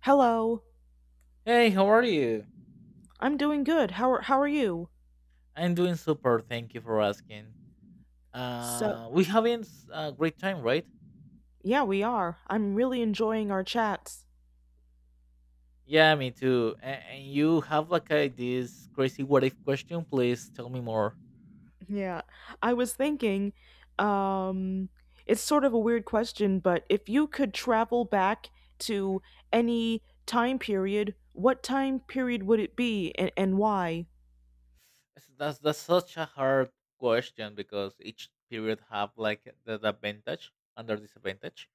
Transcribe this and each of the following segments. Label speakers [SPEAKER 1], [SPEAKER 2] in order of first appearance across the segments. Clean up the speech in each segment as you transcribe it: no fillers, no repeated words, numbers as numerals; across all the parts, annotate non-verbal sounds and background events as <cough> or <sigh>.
[SPEAKER 1] Hello.
[SPEAKER 2] Hey, how are you?
[SPEAKER 1] I'm doing good. How are you?
[SPEAKER 2] I'm doing super. Thank you for asking.
[SPEAKER 1] So,
[SPEAKER 2] We having a great time, right?
[SPEAKER 1] yeah, we are. I'm really enjoying our chats.
[SPEAKER 2] Yeah, me too. And you have like this crazy what if question? Please tell me more.
[SPEAKER 1] Yeah. I was thinking um it's sort of a weird question, but if you could travel back to any time period, what time period would it be and why?
[SPEAKER 2] That's such a hard question because each period have like the advantage and the disadvantage.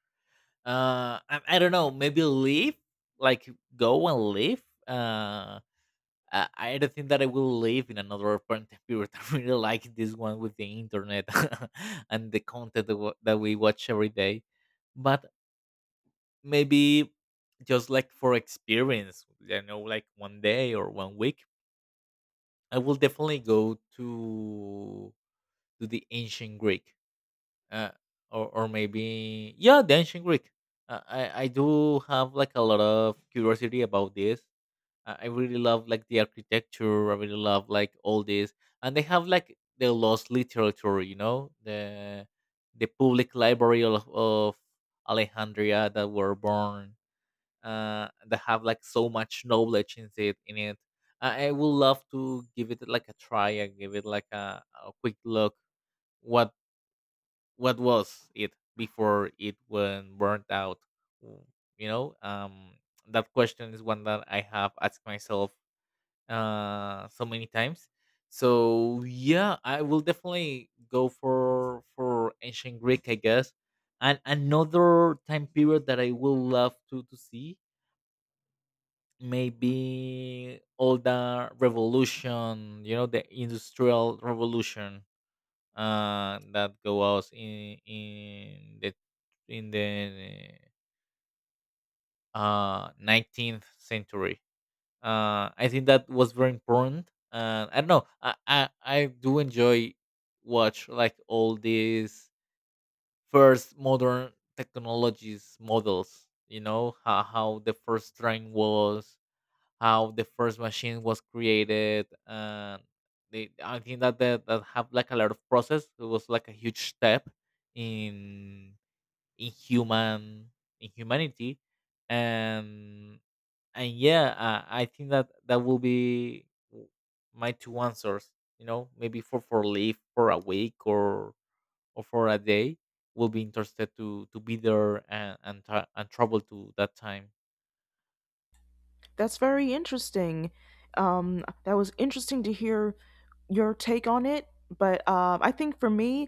[SPEAKER 2] I don't know. Maybe leave, like go and leave. I don't think that I will live in another apartment period. <laughs> I really like this one with the internet <laughs> and the content that we watch every day. But maybe just like for experience, you know, like one day or one week, I will definitely go to the ancient Greek, uh, or maybe yeah, the ancient Greek. I do have like a lot of curiosity about this. I really love like the architecture. I really love like all this, and they have like the lost literature. You know, the public library of Alejandria that were born. That have like so much knowledge in it. In it, I would love to give it like a try and give it like a quick look. What what was it before it went burnt out? w- You know, that question is one that I have asked myself so many times. So yeah, I will definitely go for ancient Greek, I guess. And another time period that I will love to see, maybe all the revolution, you know, the industrial revolution that goes in the 19th century. I think that was very important. And I don't know, I do enjoy watch like all these first modern technologies models. You know how the first train was, how the first machine was created. And I think that have like a lot of process. It was like a huge step in in human in humanity, and and yeah, I think that will be w- my two answers, you know, maybe for leave for a week or for a day, will be interested to be there and travel to that time.
[SPEAKER 1] That's very interesting. That was interesting to hear your take on it, but I think for me,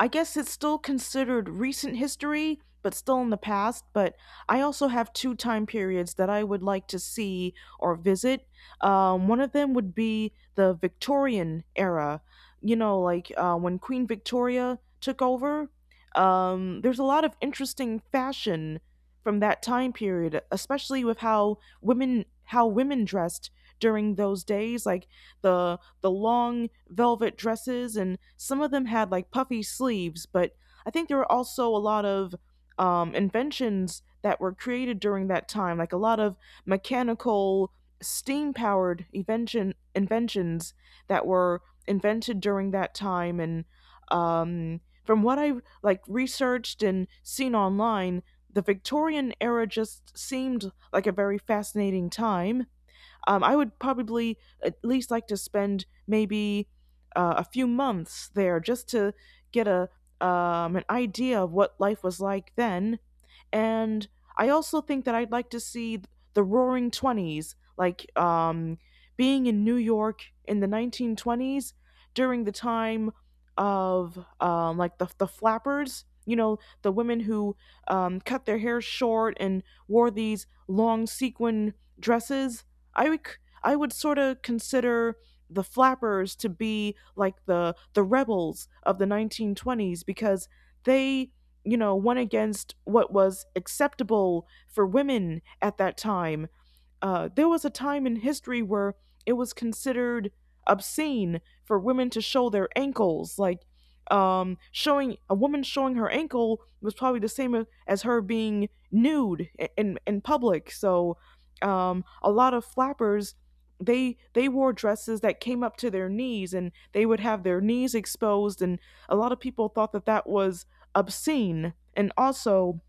[SPEAKER 1] I guess it's still considered recent history, but still in the past. But I also have two time periods that I would like to see or visit. One of them would be the Victorian era, you know, like when Queen Victoria took over. There's a lot of interesting fashion from that time period, especially with how women dressed during those days, like the the long velvet dresses, and some of them had like puffy sleeves. But I think there were also a lot of inventions that were created during that time, like a lot of mechanical, steam powered inventions that were invented during that time. And from what I researched and seen online, the Victorian era just seemed like a very fascinating time. I would probably at least like to spend maybe a few months there just to get a an idea of what life was like then, and I also think that I'd like to see the Roaring Twenties, like being in New York in the 1920s during the time of like the flappers. You know, the women who cut their hair short and wore these long sequin dresses. I would I would sort of consider the flappers to be like the rebels of the 1920s because they, you know, one against what was acceptable for women at that time. There was a time in history where it was considered obscene for women to show their ankles. Like, showing a woman showing her ankle was probably the same as her being nude in public. So a lot of flappers, they wore dresses that came up to their knees and they would have their knees exposed and a lot of people thought that that was obscene. And also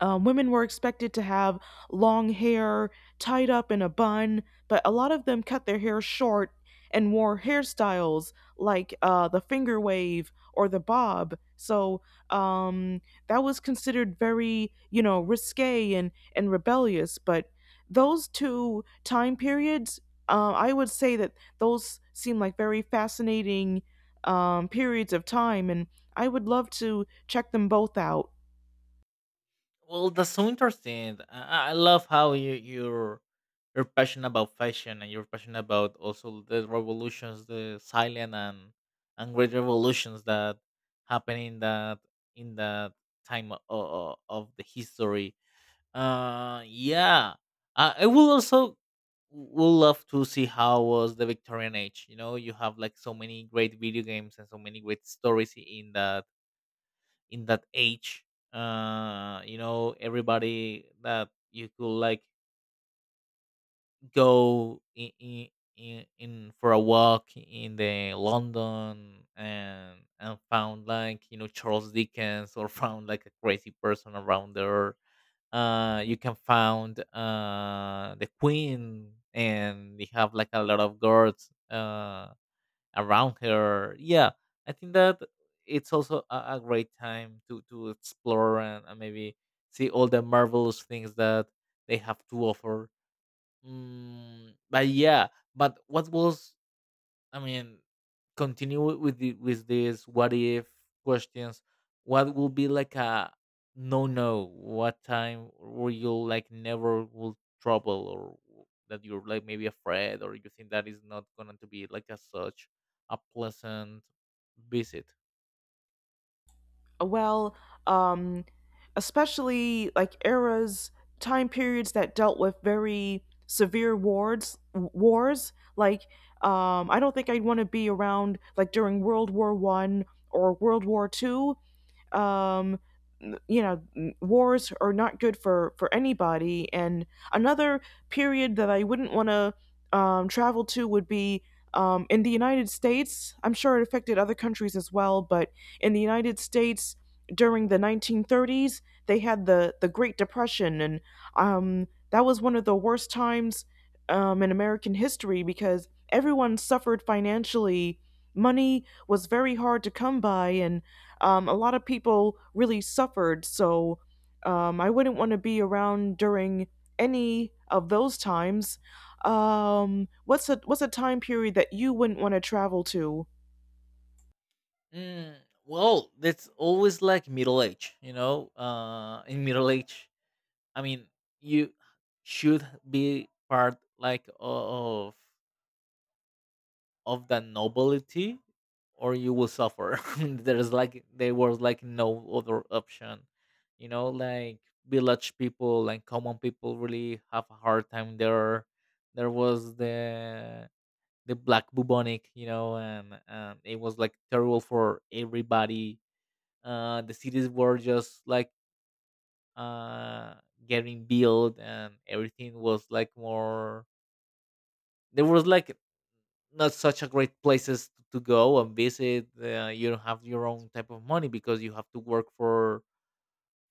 [SPEAKER 1] women were expected to have long hair tied up in a bun, but a lot of them cut their hair short and wore hairstyles like the finger wave or the bob. So um, that was considered very, you know, risque and rebellious. But those two time periods, I would say that those seem like very fascinating periods of time, and I would love to check them both out.
[SPEAKER 2] Well, that's so interesting. I love how you're passionate about fashion, and you're passionate about also the revolutions, the silent and great revolutions that happen in that time of the history. Yeah. I will also will love to see how was the Victorian age. You know, you have like so many great video games and so many great stories in that age. You know, everybody that you could like go in for a walk in the London and found like, you know, Charles Dickens or <laughs> found like a crazy person around there. You can find the queen and they have like a lot of guards around her. Yeah, I think that it's also a great time to explore and maybe see all the marvelous things that they have to offer. But yeah, but what was, I mean, continue with these what if questions. What will be like a no no? What time where you like never will trouble or that you're like maybe afraid or you think that is not going to be like a such a pleasant visit?
[SPEAKER 1] uh, well, um, especially like eras, time periods that dealt with very severe wars. Like, I don't think I'd want to be around like during World War One or World War Two. um, you know, wars are not good for anybody. And another period that I wouldn't want to travel to would be in the United States. I'm sure it affected other countries as well, but in the United States during the 1930s they had the Great Depression. And that was one of the worst times in American history because everyone suffered financially. Money was very hard to come by, and a lot of people really suffered. So I wouldn't want to be around during any of those times. What's a time period that you wouldn't want to travel to?
[SPEAKER 2] Mm, well, that's always like middle age, you know. In middle age, I mean, you should be part like of the nobility or you will suffer. <laughs> There was like no other option, you know, like village people and common people really have a hard time there. There was the black bubonic, you know, and it was like terrible for everybody. The cities were just like uh getting built, and everything was like more, there was like not such a great places to go and visit. You don't have your own type of money because you have to work for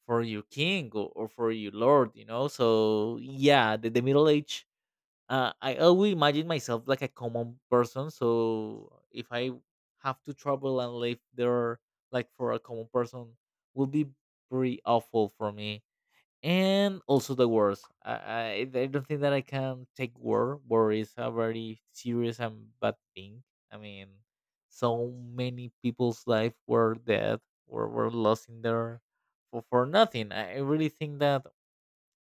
[SPEAKER 2] for your king, or for your lord. You know, so yeah, the middle age. I always imagine myself like a common person. So if I have to travel and live there like for a common person, will be pretty awful for me, and also the wars. I don't think that I can take war. War is a very serious and bad thing. I mean, so many people's life were dead or were lost in there for nothing. I really think that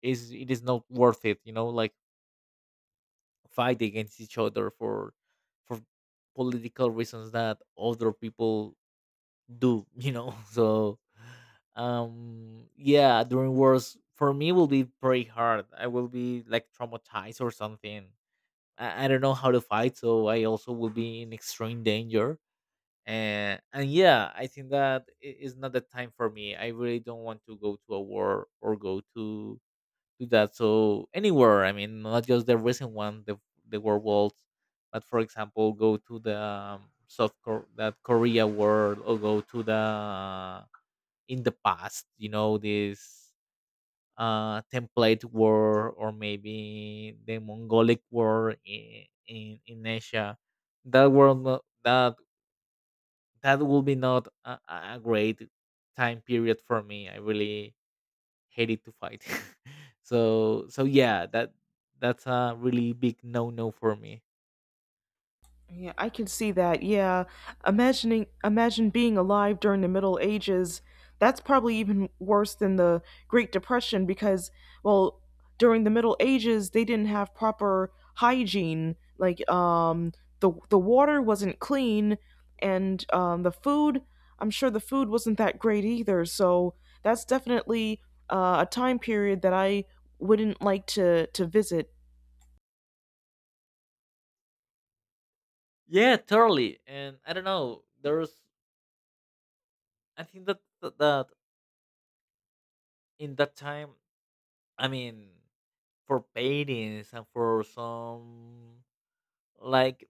[SPEAKER 2] is it is not worth it. You know, like fight against each other for political reasons that other people do. <laughs> You know, so yeah, during wars for me will be pretty hard. I will be like traumatized or something. I don't know how to fight, so I also will be in extreme danger, and yeah, I think that is not the time for me. I really don't want to go to a war or go to do that. So anywhere, I mean, not just the recent one, the World Worlds, but for example, go to the South that Korea World, or go to the in the past, you know, this template war or maybe the Mongolic war in Asia. That world that will be not a great time period for me. I really hated to fight. <laughs> So yeah, that's a really big no no for me.
[SPEAKER 1] Yeah, I can see that. Yeah. Imagining Imagine being alive during the Middle Ages. That's probably even worse than the Great Depression because, well, during the Middle Ages they didn't have proper hygiene. Like, the water wasn't clean, and the food, I'm sure the food wasn't that great either. So that's definitely a time period that I wouldn't like to visit.
[SPEAKER 2] Yeah, totally. And I don't know. I think that in that time, I mean, for paintings and for some like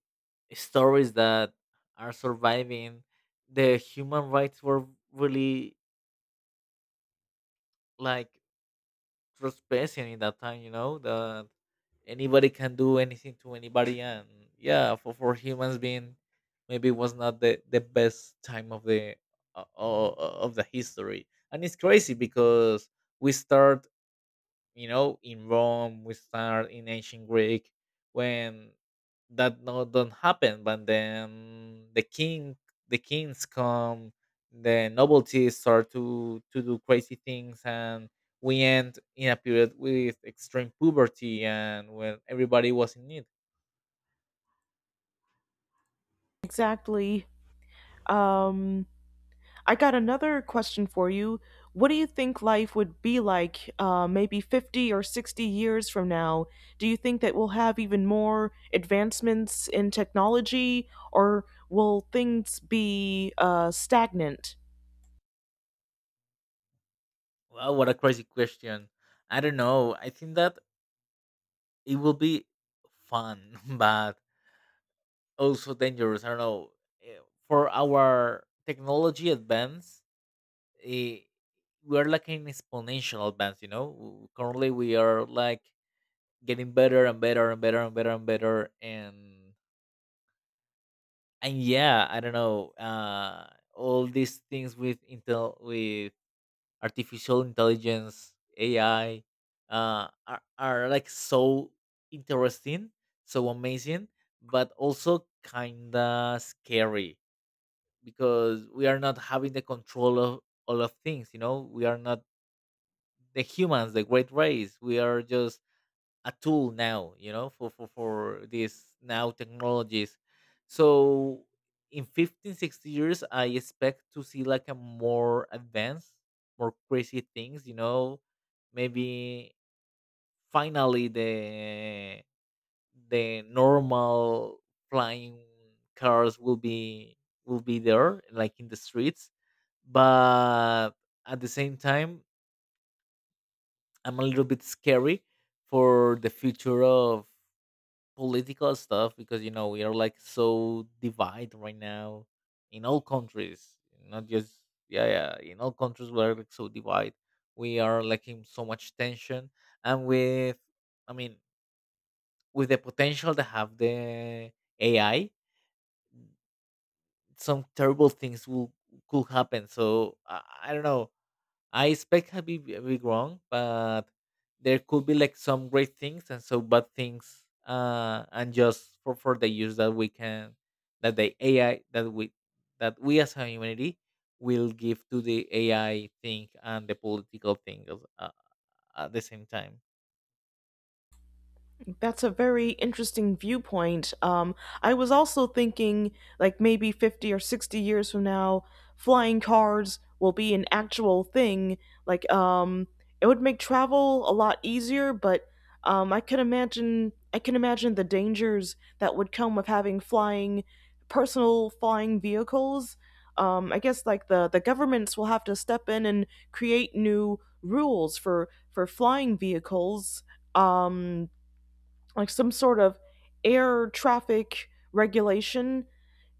[SPEAKER 2] stories that are surviving, the human rights were really like trespassing in that time, you know, that anybody can do anything to anybody. And yeah, for humans being maybe was not the best time of the history. And it's crazy because we start, you know, in Rome. We start in ancient Greek when that, no, don't happen. But then the kings come, the novelties start to do crazy things, and we end in a period with extreme poverty and when everybody was in need.
[SPEAKER 1] Exactly. Um I got another question for you. What do you think life would be like, maybe 50 or 60 years from now? Do you think that we'll have even more advancements in technology or will things be stagnant?
[SPEAKER 2] Wow, what a crazy question. I don't know. I think that it will be fun <laughs> but also dangerous. I don't know. Eh, for our technology advance, eh, we're like an exponential advance. You know, currently we are like getting better and better and better and better and better and yeah, I don't know. All these things with intel, with artificial intelligence, AI, are like so interesting, so amazing, but also kinda scary because we are not having the control of all of things. You know, we are not the humans, the great race, we are just a tool now, you know, for these now technologies. So in 15, 60 years, I expect to see like a more advanced, more crazy things, you know, maybe finally the normal flying cars will be there like in the streets. But at the same time I'm a little bit scary for the future of political stuff because, you know, we are like so divided right now in all countries, not just, yeah, yeah, in all countries we are like so divided. We are like in so much tension, and with, I mean, with the potential to have the AI, some terrible things will could happen. So I don't know. I expect a big, big wrong, but there could be like some great things and so bad things. And just for the use that we can, that the AI that we as a humanity will give to the AI thing and the political thing at the same time.
[SPEAKER 1] That's a very interesting viewpoint. I was also thinking, like, maybe 50 or 60 years from now, flying cars will be an actual thing. Like, it would make travel a lot easier, but I can imagine. I can imagine the dangers that would come with having personal flying vehicles. I guess like the governments will have to step in and create new rules for flying vehicles. Um, like some sort of air traffic regulation.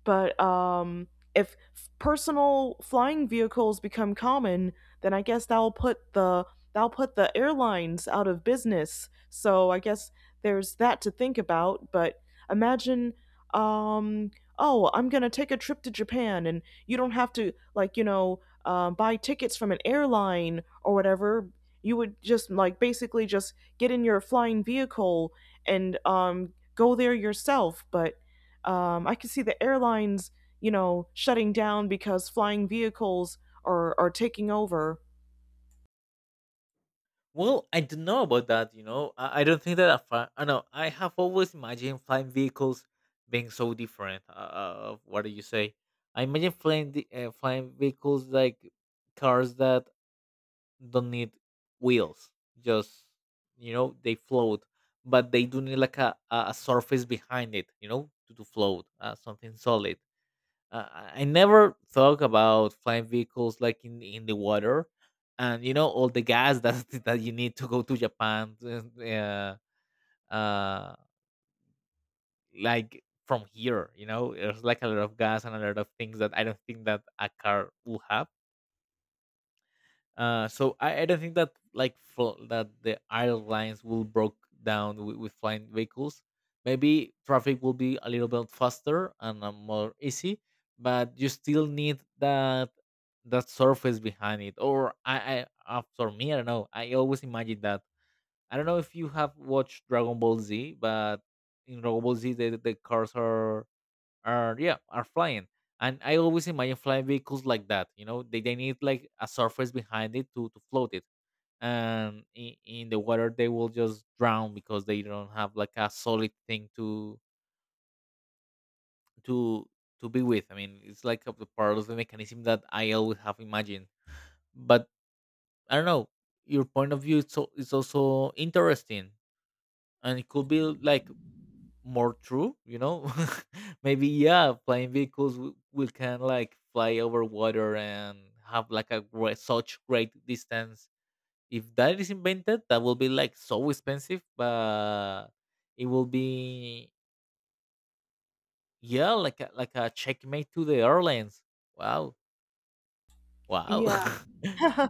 [SPEAKER 1] But if personal flying vehicles become common, then I guess that'll put the airlines out of business. So I guess there's that to think about. But imagine, um, oh, I'm gonna take a trip to Japan, and you don't have to like you know buy tickets from an airline or whatever. You would just like basically just get in your flying vehicle and go there yourself. But I could see the airlines, you know, shutting down because flying vehicles are taking over.
[SPEAKER 2] Well, I don't know about that. You know, I don't think that. I know. I have always imagined flying vehicles being so different. What do you say? I imagine flying flying vehicles like cars that don't need wheels. Just, you know, they float, but they do need like a surface behind it. You know, to float, something solid. I never thought about flying vehicles like in the water, and you know all the gas that <laughs> that you need to go to Japan. Uh, uh, like from here, you know, there's like a lot of gas and a lot of things that I don't think that a car will have. So I don't think that like that the airlines will broke down with flying vehicles. Maybe traffic will be a little bit faster and more easy, but you still need that surface behind it. Or I for me, I don't know. I always imagine that. I don't know if you have watched Dragon Ball Z, but in Dragon Ball Z, the cars are, yeah, are flying. And I always imagine flying vehicles like that, you know, they need like a surface behind it to float it. And in the water they will just drown because they don't have like a solid thing to to be with. I mean, it's like a, part of the mechanism that I always have imagined. But I don't know, your point of view is, so, is also interesting and it could be like more true, <laughs> maybe, yeah, flying vehicles will can like fly over water and have like a great, such great distance. If that is invented, that will be like so expensive, but it will be, yeah, like a checkmate to the airlines. Wow. Wow.
[SPEAKER 1] Yeah.
[SPEAKER 2] <laughs>
[SPEAKER 1] <laughs>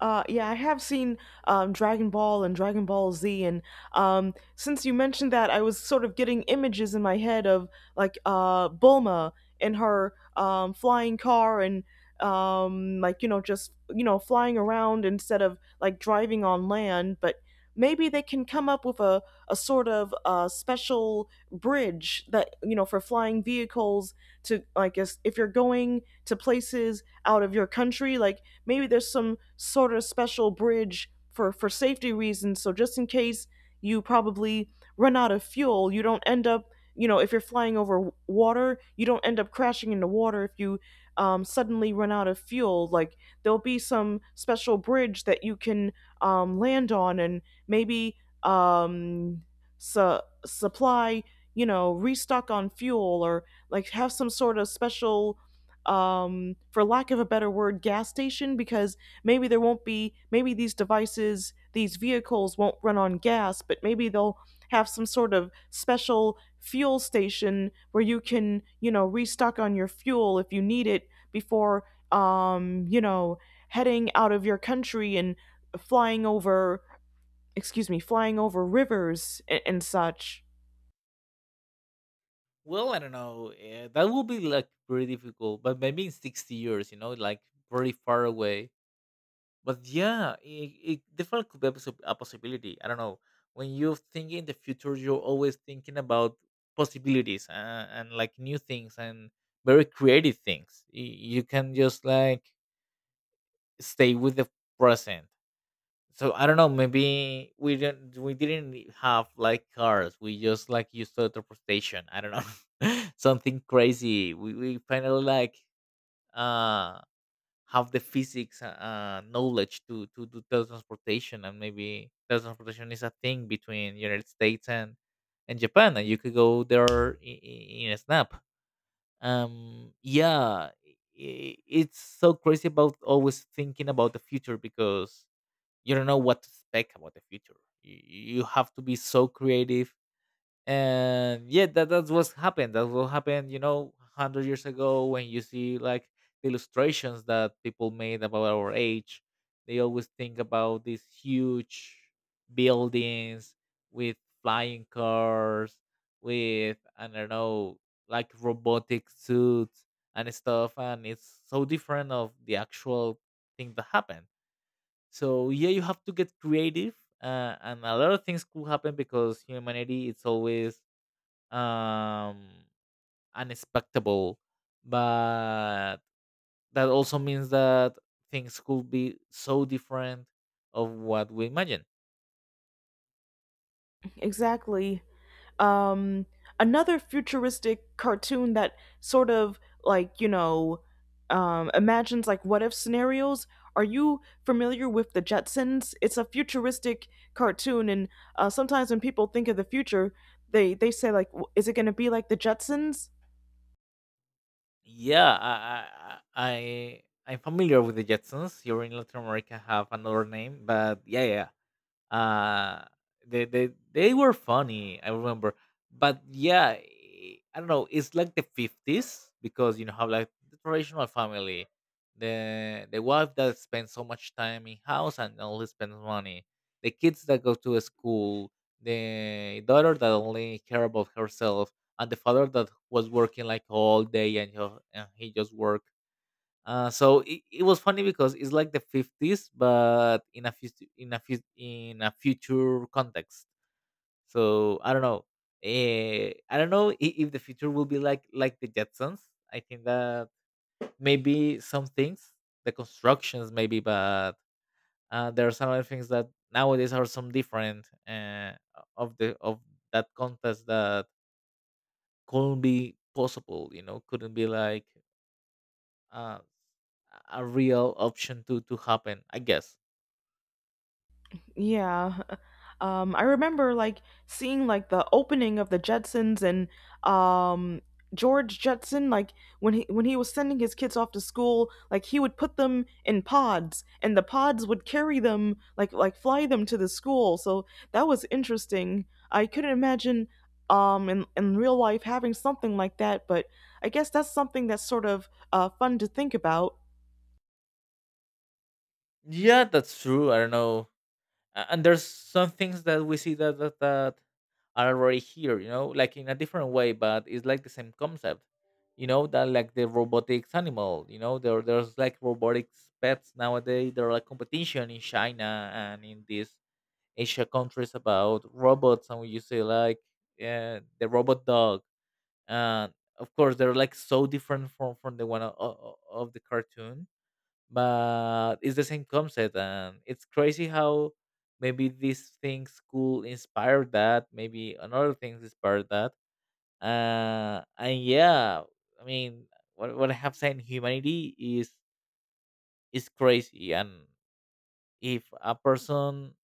[SPEAKER 1] yeah, I have seen Dragon Ball and Dragon Ball Z, and since you mentioned that, I was sort of getting images in my head of like Bulma in her flying car and like you know just you know flying around instead of like driving on land. But maybe they can come up with a sort of special bridge that you know for flying vehicles to, like, if you're going to places out of your country, like maybe there's some sort of special bridge for safety reasons, so just in case you probably run out of fuel you don't end up, you know, if you're flying over water you don't end up crashing into water if you suddenly run out of fuel. Like, there'll be some special bridge that you can land on and maybe um, su- supply, you know, restock on fuel, or like have some sort of special, for lack of a better word, gas station, because maybe there won't be, maybe these devices, these vehicles won't run on gas, but maybe they'll have some sort of special fuel station where you can, you know, restock on your fuel if you need it before, you know, heading out of your country and flying over, excuse me, flying over rivers and such.
[SPEAKER 2] Well, I don't know, that will be like pretty difficult, but maybe in 60 years, you know, like very far away. But yeah, it definitely could be a, a possibility. I don't know. When you think in the future, you're always thinking about possibilities, and like new things and very creative things. You can just like stay with the present. So I don't know. Maybe we didn't have like cars. We just like used teleportation. I don't know. <laughs> Something crazy. We finally like uh have the physics knowledge to do teletransportation, and maybe teletransportation is a thing between United States and Japan, and you could go there in a snap. It's so crazy about always thinking about the future because you don't know what to expect about the future. You have to be so creative. And yeah, that's what's happened that's what happened, you know, 100 years ago when you see like the illustrations that people made about our age. They always think about these huge buildings with flying cars, with, I don't know, like robotic suits and stuff. And it's so different of the actual thing that happened. So yeah, you have to get creative, and a lot of things could happen because humanity it's always um unexpectable. But that also means that things could be so different of what we imagine.
[SPEAKER 1] Exactly. Um, another futuristic cartoon that sort of like you know imagines like what if scenarios. Are you familiar with the Jetsons? It's a futuristic cartoon, and sometimes when people think of the future, they say like, is it going to be like the Jetsons?
[SPEAKER 2] Yeah, am familiar with the Jetsons. Here in Latin America have another name, but yeah, yeah. uh they were funny, I remember. But yeah, I don't know, it's like the 50s because you know how like the traditional family, the wife that spends so much time in house and only spends money, the kids that go to school, the daughter that only care about herself, and the father that was working like all day and, and he just work. So it was funny because it's like the 50s, but in a in a future context. So I don't know. I don't know if the future will be like the Jetsons. I think that maybe some things, the constructions maybe, but there are some other things that nowadays are some different, of the of that contest that couldn't be possible. You know, couldn't be like uh, a real option to happen, I guess.
[SPEAKER 1] Yeah. I remember like seeing like the opening of the Jetsons and um George Jetson, like, when he was sending his kids off to school, like he would put them in pods and the pods would carry them like fly them to the school. So that was interesting. I couldn't imagine in real life having something like that, but I guess that's something that's sort of fun to think about.
[SPEAKER 2] Yeah, that's true, I don't know. And there's some things that we see that are already here, you know, like in a different way, but it's like the same concept. You know that like the robotics animal, you know, there there's like robotics pets nowadays. There are like competition in China and in these Asia countries about robots, and we you see like the robot dog. uh, of course they're like so different from the one of the cartoon, but it's the same concept. And it's crazy how maybe these things could inspire that, maybe another things inspire that. And yeah, I mean, what I have said, humanity is crazy. And if a person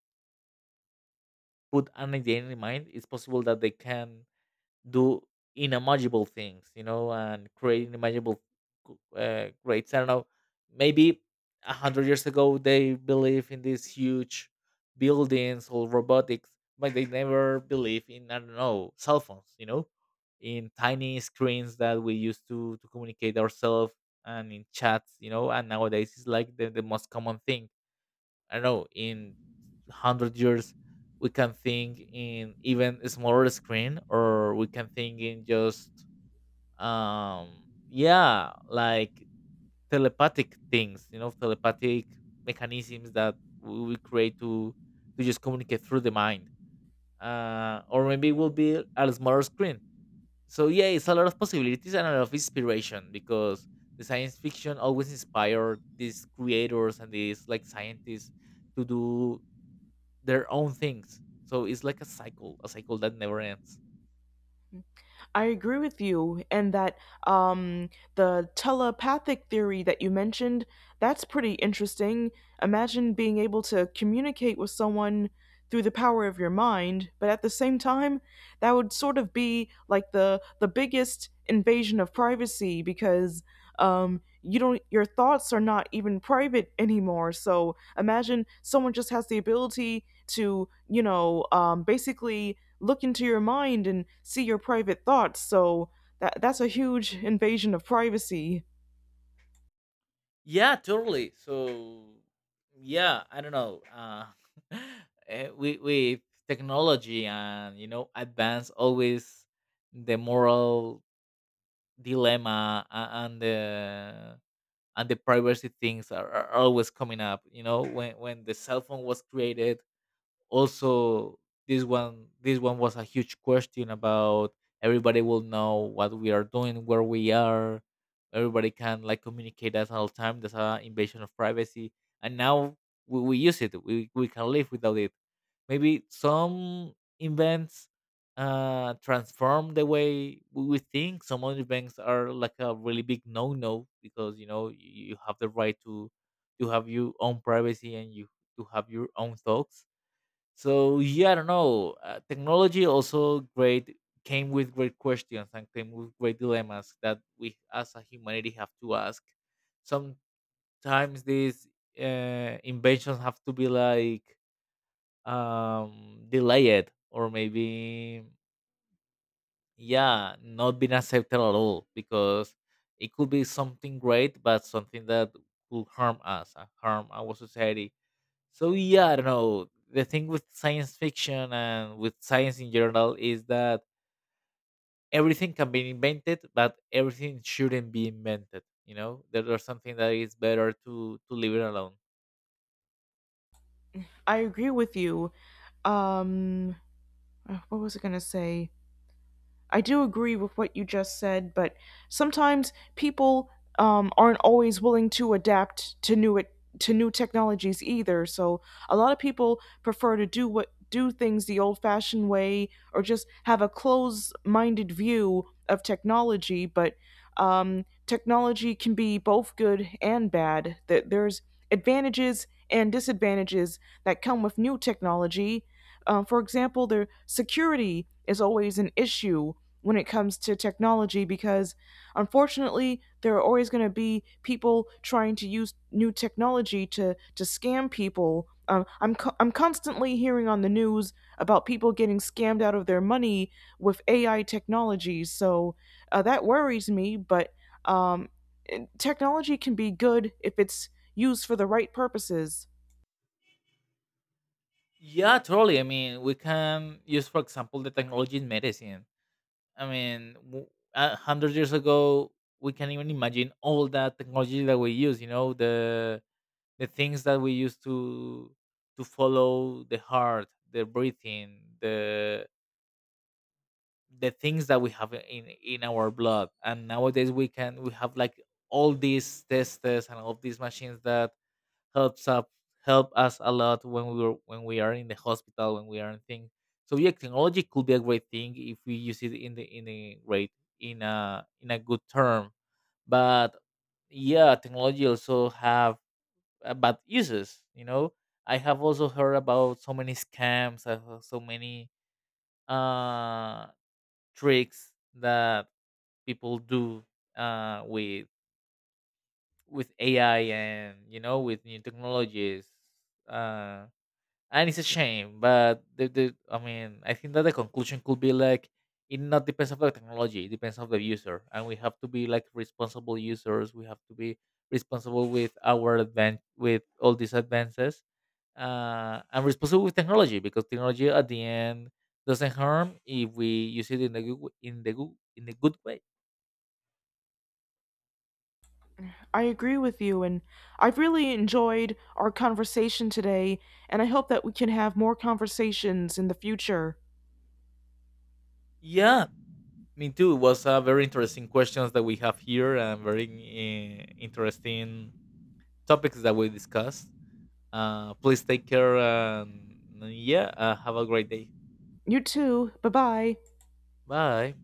[SPEAKER 2] put an idea in mind, it's possible that they can do unimaginable things, you know, and create unimaginable, greats. I don't know, maybe 100 years ago they believe in these huge buildings or robotics, but they never believe in, I don't know, cell phones, you know, in tiny screens that we used to communicate ourselves and in chats, you know. And nowadays it's like the most common thing. I don't know in 100 years we can think in even a smaller screen, or we can think in just um yeah, like telepathic things, you know, telepathic mechanisms that we will create to just communicate through the mind. Or maybe it will be a smaller screen. So yeah, it's a lot of possibilities and a lot of inspiration, because the science fiction always inspired these creators and these like scientists to do their own things. So it's like a cycle that never ends.
[SPEAKER 1] I agree with you, and that um, the telepathic theory that you mentioned, that's pretty interesting. Imagine being able to communicate with someone through the power of your mind, but at the same time, that would sort of be like the biggest invasion of privacy because you don't your thoughts are not even private anymore. So imagine someone just has the ability to, you know, basically look into your mind and see your private thoughts. So that that's a huge invasion of privacy.
[SPEAKER 2] Yeah, totally. So, yeah, I don't know. <laughs> With technology and, you know, advance, always the moral dilemma, and the privacy things are always coming up. You know, when the cell phone was created, also this one was a huge question about, everybody will know what we are doing, where we are, everybody can like communicate at all time. That's an invasion of privacy. And now we use it, we can live without it. Maybe some events transform the way we think. Some other banks are like a really big no-no because, you know, you have the right to have your own privacy and you to have your own thoughts. So yeah, I don't know. Technology also great, came with great questions and came with great dilemmas that we as a humanity have to ask. Sometimes these inventions have to be like delayed, or maybe, yeah, not been accepted at all because it could be something great, but something that could harm us, harm our society. So yeah, I don't know. The thing with science fiction and with science in general is that everything can be invented, but everything shouldn't be invented. You know, there there's something that is better to leave it alone.
[SPEAKER 1] I agree with you. Um, what was I gonna say? I do agree with what you just said, but sometimes people aren't always willing to adapt to new it to new technologies either. So a lot of people prefer to do what do things the old-fashioned way or just have a closed-minded view of technology. But technology can be both good and bad. That there's advantages and disadvantages that come with new technology. For example, their security is always an issue when it comes to technology because unfortunately there are always going to be people trying to use new technology to scam people. I'm constantly hearing on the news about people getting scammed out of their money with AI technology, so that worries me. But um, technology can be good if it's used for the right purposes.
[SPEAKER 2] Yeah, totally. I mean, we can use, for example, the technology in medicine. I mean, 100 years ago, we can even imagine all that technology that we use. You know, the things that we use to follow the heart, the breathing, the things that we have in our blood. And nowadays we can we have like all these testers and all these machines that helps up help us a lot when we were when we are in the hospital, when we are in things. So yeah, technology could be a great thing if we use it in the in a great, in a good term. But yeah, technology also have bad uses, you know. I have also heard about so many scams, I have so many uh tricks that people do, uh, with with AI and, you know, with new technologies. Uh, and it's a shame, but the, I mean, I think that the conclusion could be like, it not depends on the technology, it depends on the user, and we have to be like responsible users. We have to be responsible with our advan with all these advances. And responsible with technology because technology at the end doesn't harm if we use it in the good, in the good, in the good way.
[SPEAKER 1] I agree with you, and I've really enjoyed our conversation today, and I hope that we can have more conversations in the future.
[SPEAKER 2] Yeah, me too. It was a very interesting questions that we have here and very, interesting topics that we discussed. Please take care and yeah, have a great day.
[SPEAKER 1] You too. Bye bye.
[SPEAKER 2] Bye.